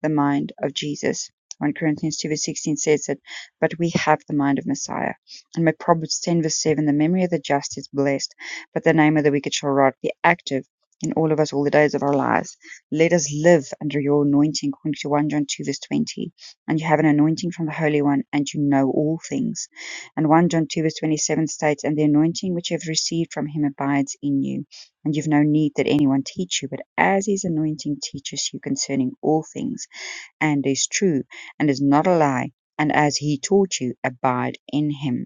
A: the mind of Jesus. 1 Corinthians 2 verse 16 says that, but we have the mind of Messiah. And my Proverbs 10 verse 7, the memory of the just is blessed, but the name of the wicked shall rot. Be active in all of us all the days of our lives. Let us live under your anointing, according to 1 John 2 verse 20. And you have an anointing from the Holy One, and you know all things. And 1 John 2 verse 27 states, and the anointing which you have received from him abides in you. And you've no need that anyone teach you, but as his anointing teaches you concerning all things and is true, and is not a lie; and as he taught you, abide in him.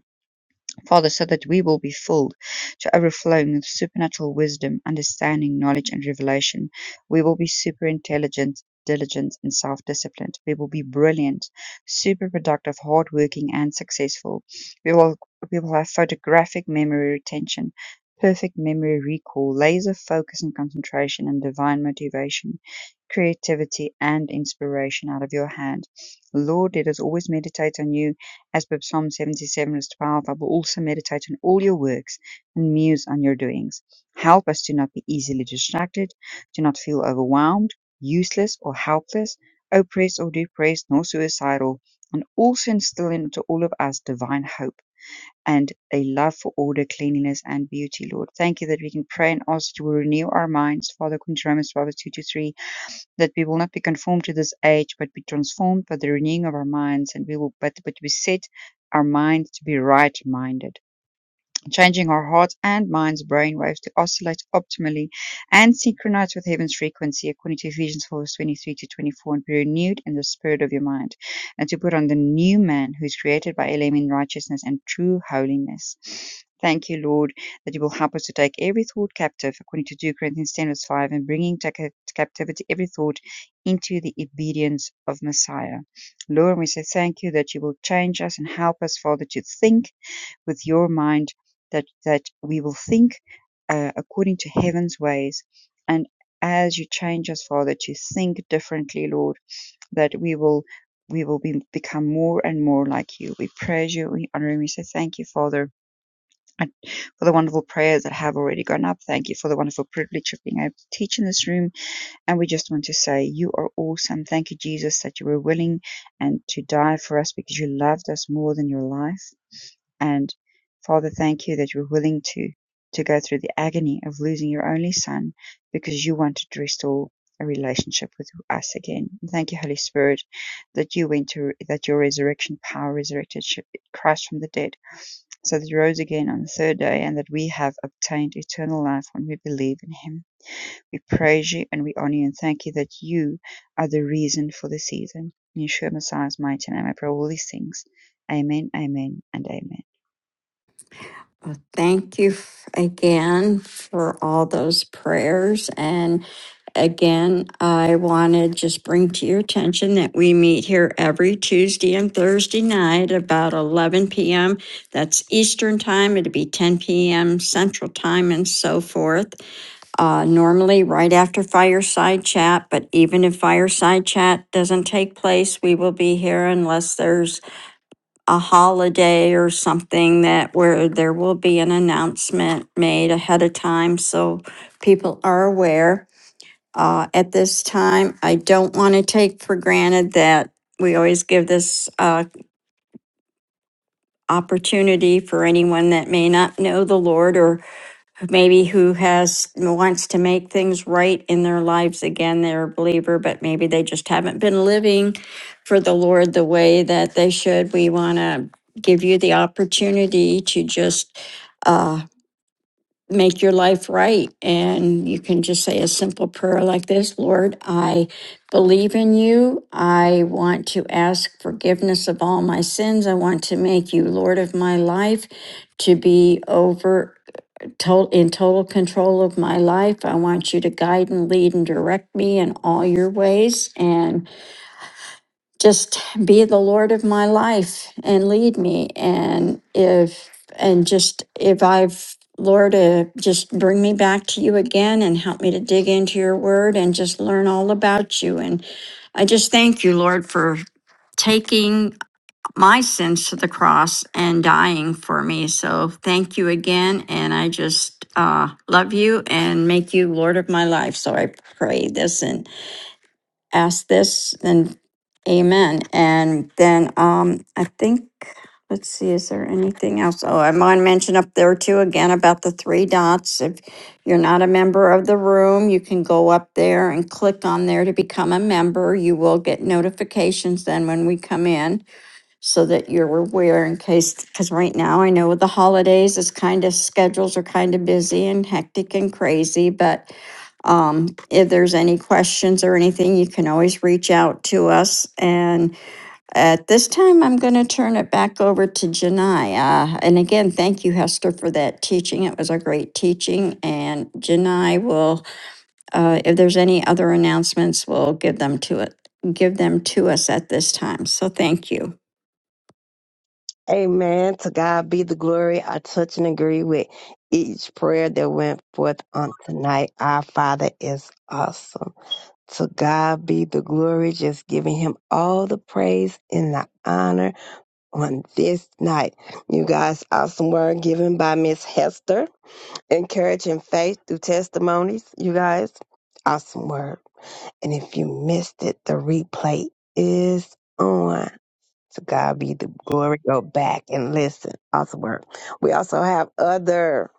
A: Father, so that we will be filled to overflowing with supernatural wisdom, understanding, knowledge, and revelation. We will be super intelligent, diligent, and self disciplined. We will be brilliant, super productive, hardworking, and successful. We will, we will have photographic memory retention. Perfect memory recall, laser focus and concentration, and divine motivation, creativity and inspiration out of your hand. Lord, let us always meditate on you as per Psalm 77, verse 12, I will also meditate on all your works and muse on your doings. Help us to not be easily distracted, to not feel overwhelmed, useless, or helpless, oppressed, or depressed, nor suicidal, and also instill into all of us divine hope and a love for order, cleanliness, and beauty, Lord. Thank you that we can pray and ask that you will renew our minds, Father, according to Romans 12, verse 2 to 3 that we will not be conformed to this age, but be transformed by the renewing of our minds, and we will, but, but we set our mind to be right minded changing our heart's and mind's brainwaves to oscillate optimally and synchronize with heaven's frequency, according to Ephesians 4 verse 23 to 24, and be renewed in the spirit of your mind, and to put on the new man who is created by Elohim in righteousness and true holiness. Thank you, Lord, that you will help us to take every thought captive, according to 2 Corinthians 10 verse 5, and bringing captivity every thought into the obedience of Messiah. Lord, we say thank you that you will change us and help us, Father, to think with your mind that that we will think uh, according to heaven's ways and as you change us father to think differently lord that we will we will be, become more and more like you we praise you we honor you we say thank you father for the wonderful prayers that have already gone up thank you for the wonderful privilege of being able to teach in this room and we just want to say you are awesome thank you jesus that you were willing and to die for us because you loved us more than your life and Father, thank you that you were willing to, to go through the agony of losing your only son because you wanted to restore a relationship with us again. Thank you, Holy Spirit, that you went to, that your resurrection power resurrected Sh- Christ from the dead so that he rose again on the third day and that we have obtained eternal life when we believe in him. We praise you and we honor you and thank you that you are the reason for the season. In Yeshua Messiah's mighty name, I pray all these things. Amen, amen, and amen.
C: Well, Thank you f- again for all those prayers. And again, I want to just bring to your attention that we meet here every Tuesday and Thursday night about 11 p.m. That's Eastern time. It'll be 10 p.m. Central time and so forth. Uh, normally, right after fireside chat, but even if fireside chat doesn't take place, we will be here unless there's a holiday or something that where there will be an announcement made ahead of time so people are aware. Uh, at this time, I don't want to take for granted that we always give this uh, opportunity for anyone that may not know the Lord or maybe who has wants to make things right in their lives again they're a believer but maybe they just haven't been living for the lord the way that they should we want to give you the opportunity to just uh, make your life right and you can just say a simple prayer like this lord i believe in you i want to ask forgiveness of all my sins i want to make you lord of my life to be over to- in total control of my life. I want you to guide and lead and direct me in all your ways and just be the Lord of my life and lead me. And if, and just if I've, Lord, uh, just bring me back to you again and help me to dig into your word and just learn all about you. And I just thank you, Lord, for taking my sins to the cross and dying for me. So thank you again. And I just uh, love you and make you Lord of my life. So I pray this and ask this and amen. And then um, I think, let's see, is there anything else? Oh, I want to mention up there too again about the three dots. If you're not a member of the room, you can go up there and click on there to become a member. You will get notifications then when we come in so that you're aware in case, because right now I know with the holidays, is kind of schedules are kind of busy and hectic and crazy, but um, if there's any questions or anything, you can always reach out to us. And at this time, I'm going to turn it back over to Janai. Uh, and again, thank you, Hester, for that teaching. It was a great teaching. And Janai will, uh, if there's any other announcements, we'll give them to it, give them to us at this time. So thank you.
B: Amen. To God be the glory. I touch and agree with each prayer that went forth on tonight. Our Father is awesome. To God be the glory. Just giving him all the praise and the honor on this night. You guys, awesome word given by Miss Hester. Encouraging faith through testimonies. You guys, awesome word. And if you missed it, the replay is on. To God be the glory. Go back and listen. Awesome work. We also have other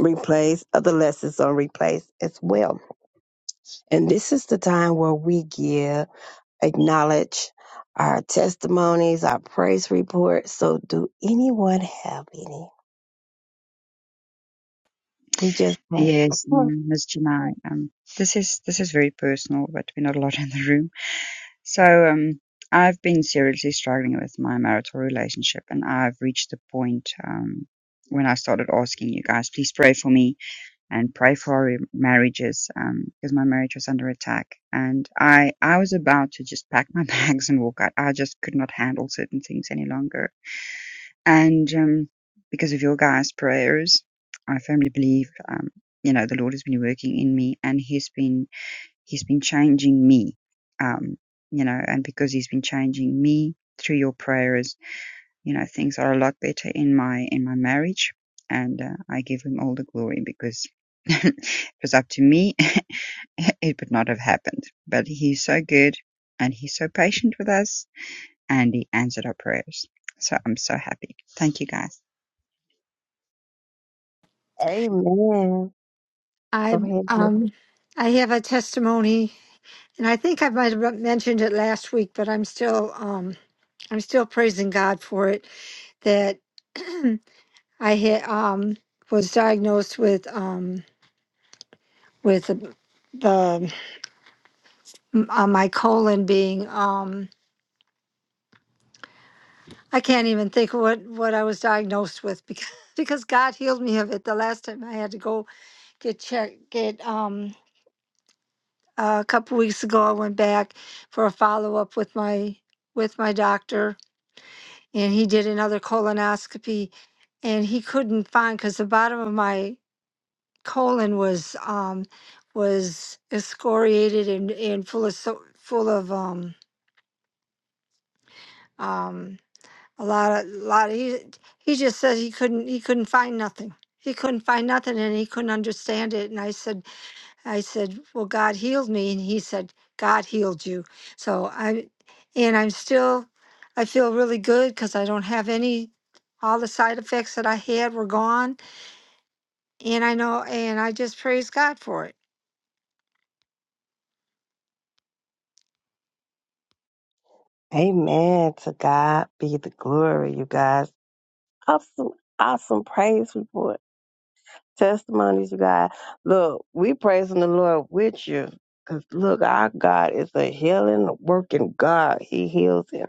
B: replays, other lessons on replays as well. And this is the time where we give, acknowledge our testimonies, our praise reports. So, do anyone have any? We just want-
A: Yes, um, Ms. Janai, um, this is this is very personal, but we're not allowed in the room. So um, I've been seriously struggling with my marital relationship, and I've reached the point um, when I started asking you guys, please pray for me and pray for our marriages, um, because my marriage was under attack, and I I was about to just pack my bags and walk out. I just could not handle certain things any longer and, um, because of your guys' prayers, I firmly believe, um, you know, the Lord has been working in me and He's been, He's been changing me. Um, you know, and because He's been changing me through your prayers, you know, things are a lot better in my, in my marriage. And, uh, I give Him all the glory because it was up to me. it would not have happened. But He's so good and He's so patient with us and He answered our prayers. So I'm so happy. Thank you guys.
B: Amen. Go
D: I
B: ahead.
D: um I have a testimony, and I think I might have mentioned it last week, but I'm still um I'm still praising God for it that I had um was diagnosed with um with the the- uh, my colon being um I can't even think what what I was diagnosed with because because God healed me of it the last time I had to go get checked get um uh, a couple weeks ago I went back for a follow up with my with my doctor and he did another colonoscopy and he couldn't find because the bottom of my Colon was um, was excoriated and, and full of so, full of um, um, a lot of lot. Of, he he just says he couldn't he couldn't find nothing. He couldn't find nothing and he couldn't understand it. And I said I said, well, God healed me, and he said, God healed you. So I and I'm still I feel really good because I don't have any. All the side effects that I had were gone, and I know, and I just praise God for it.
B: Amen. To God be the glory, you guys. Awesome, awesome praise report. testimonies, you guys. Look, we praising the Lord with you. Cause look, our God is a healing, working God. He heals in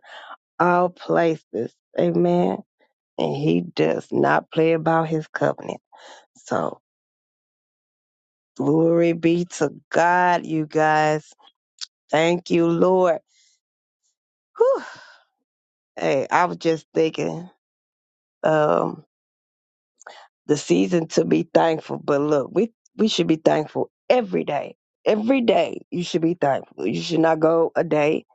B: all places. Amen. And he does not play about his covenant. So glory be to God, you guys. Thank you, Lord. Whew. Hey, I was just thinking. um, the season to be thankful. But look, we we should be thankful every day. Every day you should be thankful. You should not go a day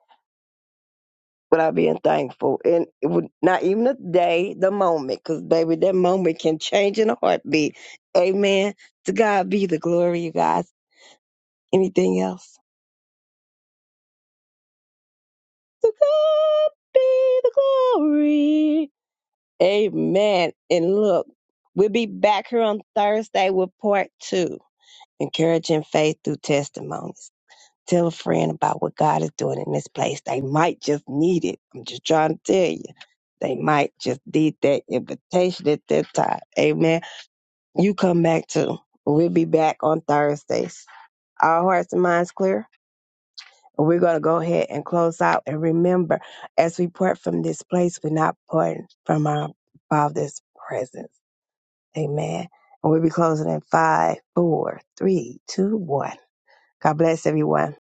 B: without being thankful, and it would not even a day, the moment, because baby, that moment can change in a heartbeat. Amen. To God be the glory, you guys. Anything else? To God be the glory. Amen. And look, we'll be back here on Thursday with part two, encouraging faith through testimonies. Tell a friend about what God is doing in this place. They might just need it. I'm just trying to tell you. They might just need that invitation at that time. Amen. You come back too. We'll be back on Thursdays. Our hearts and minds clear. We're going to go ahead and close out. And remember, as we part from this place, we're not parting from our Father's presence. Amen. And we'll be closing in five, four, three, two, one. God bless everyone.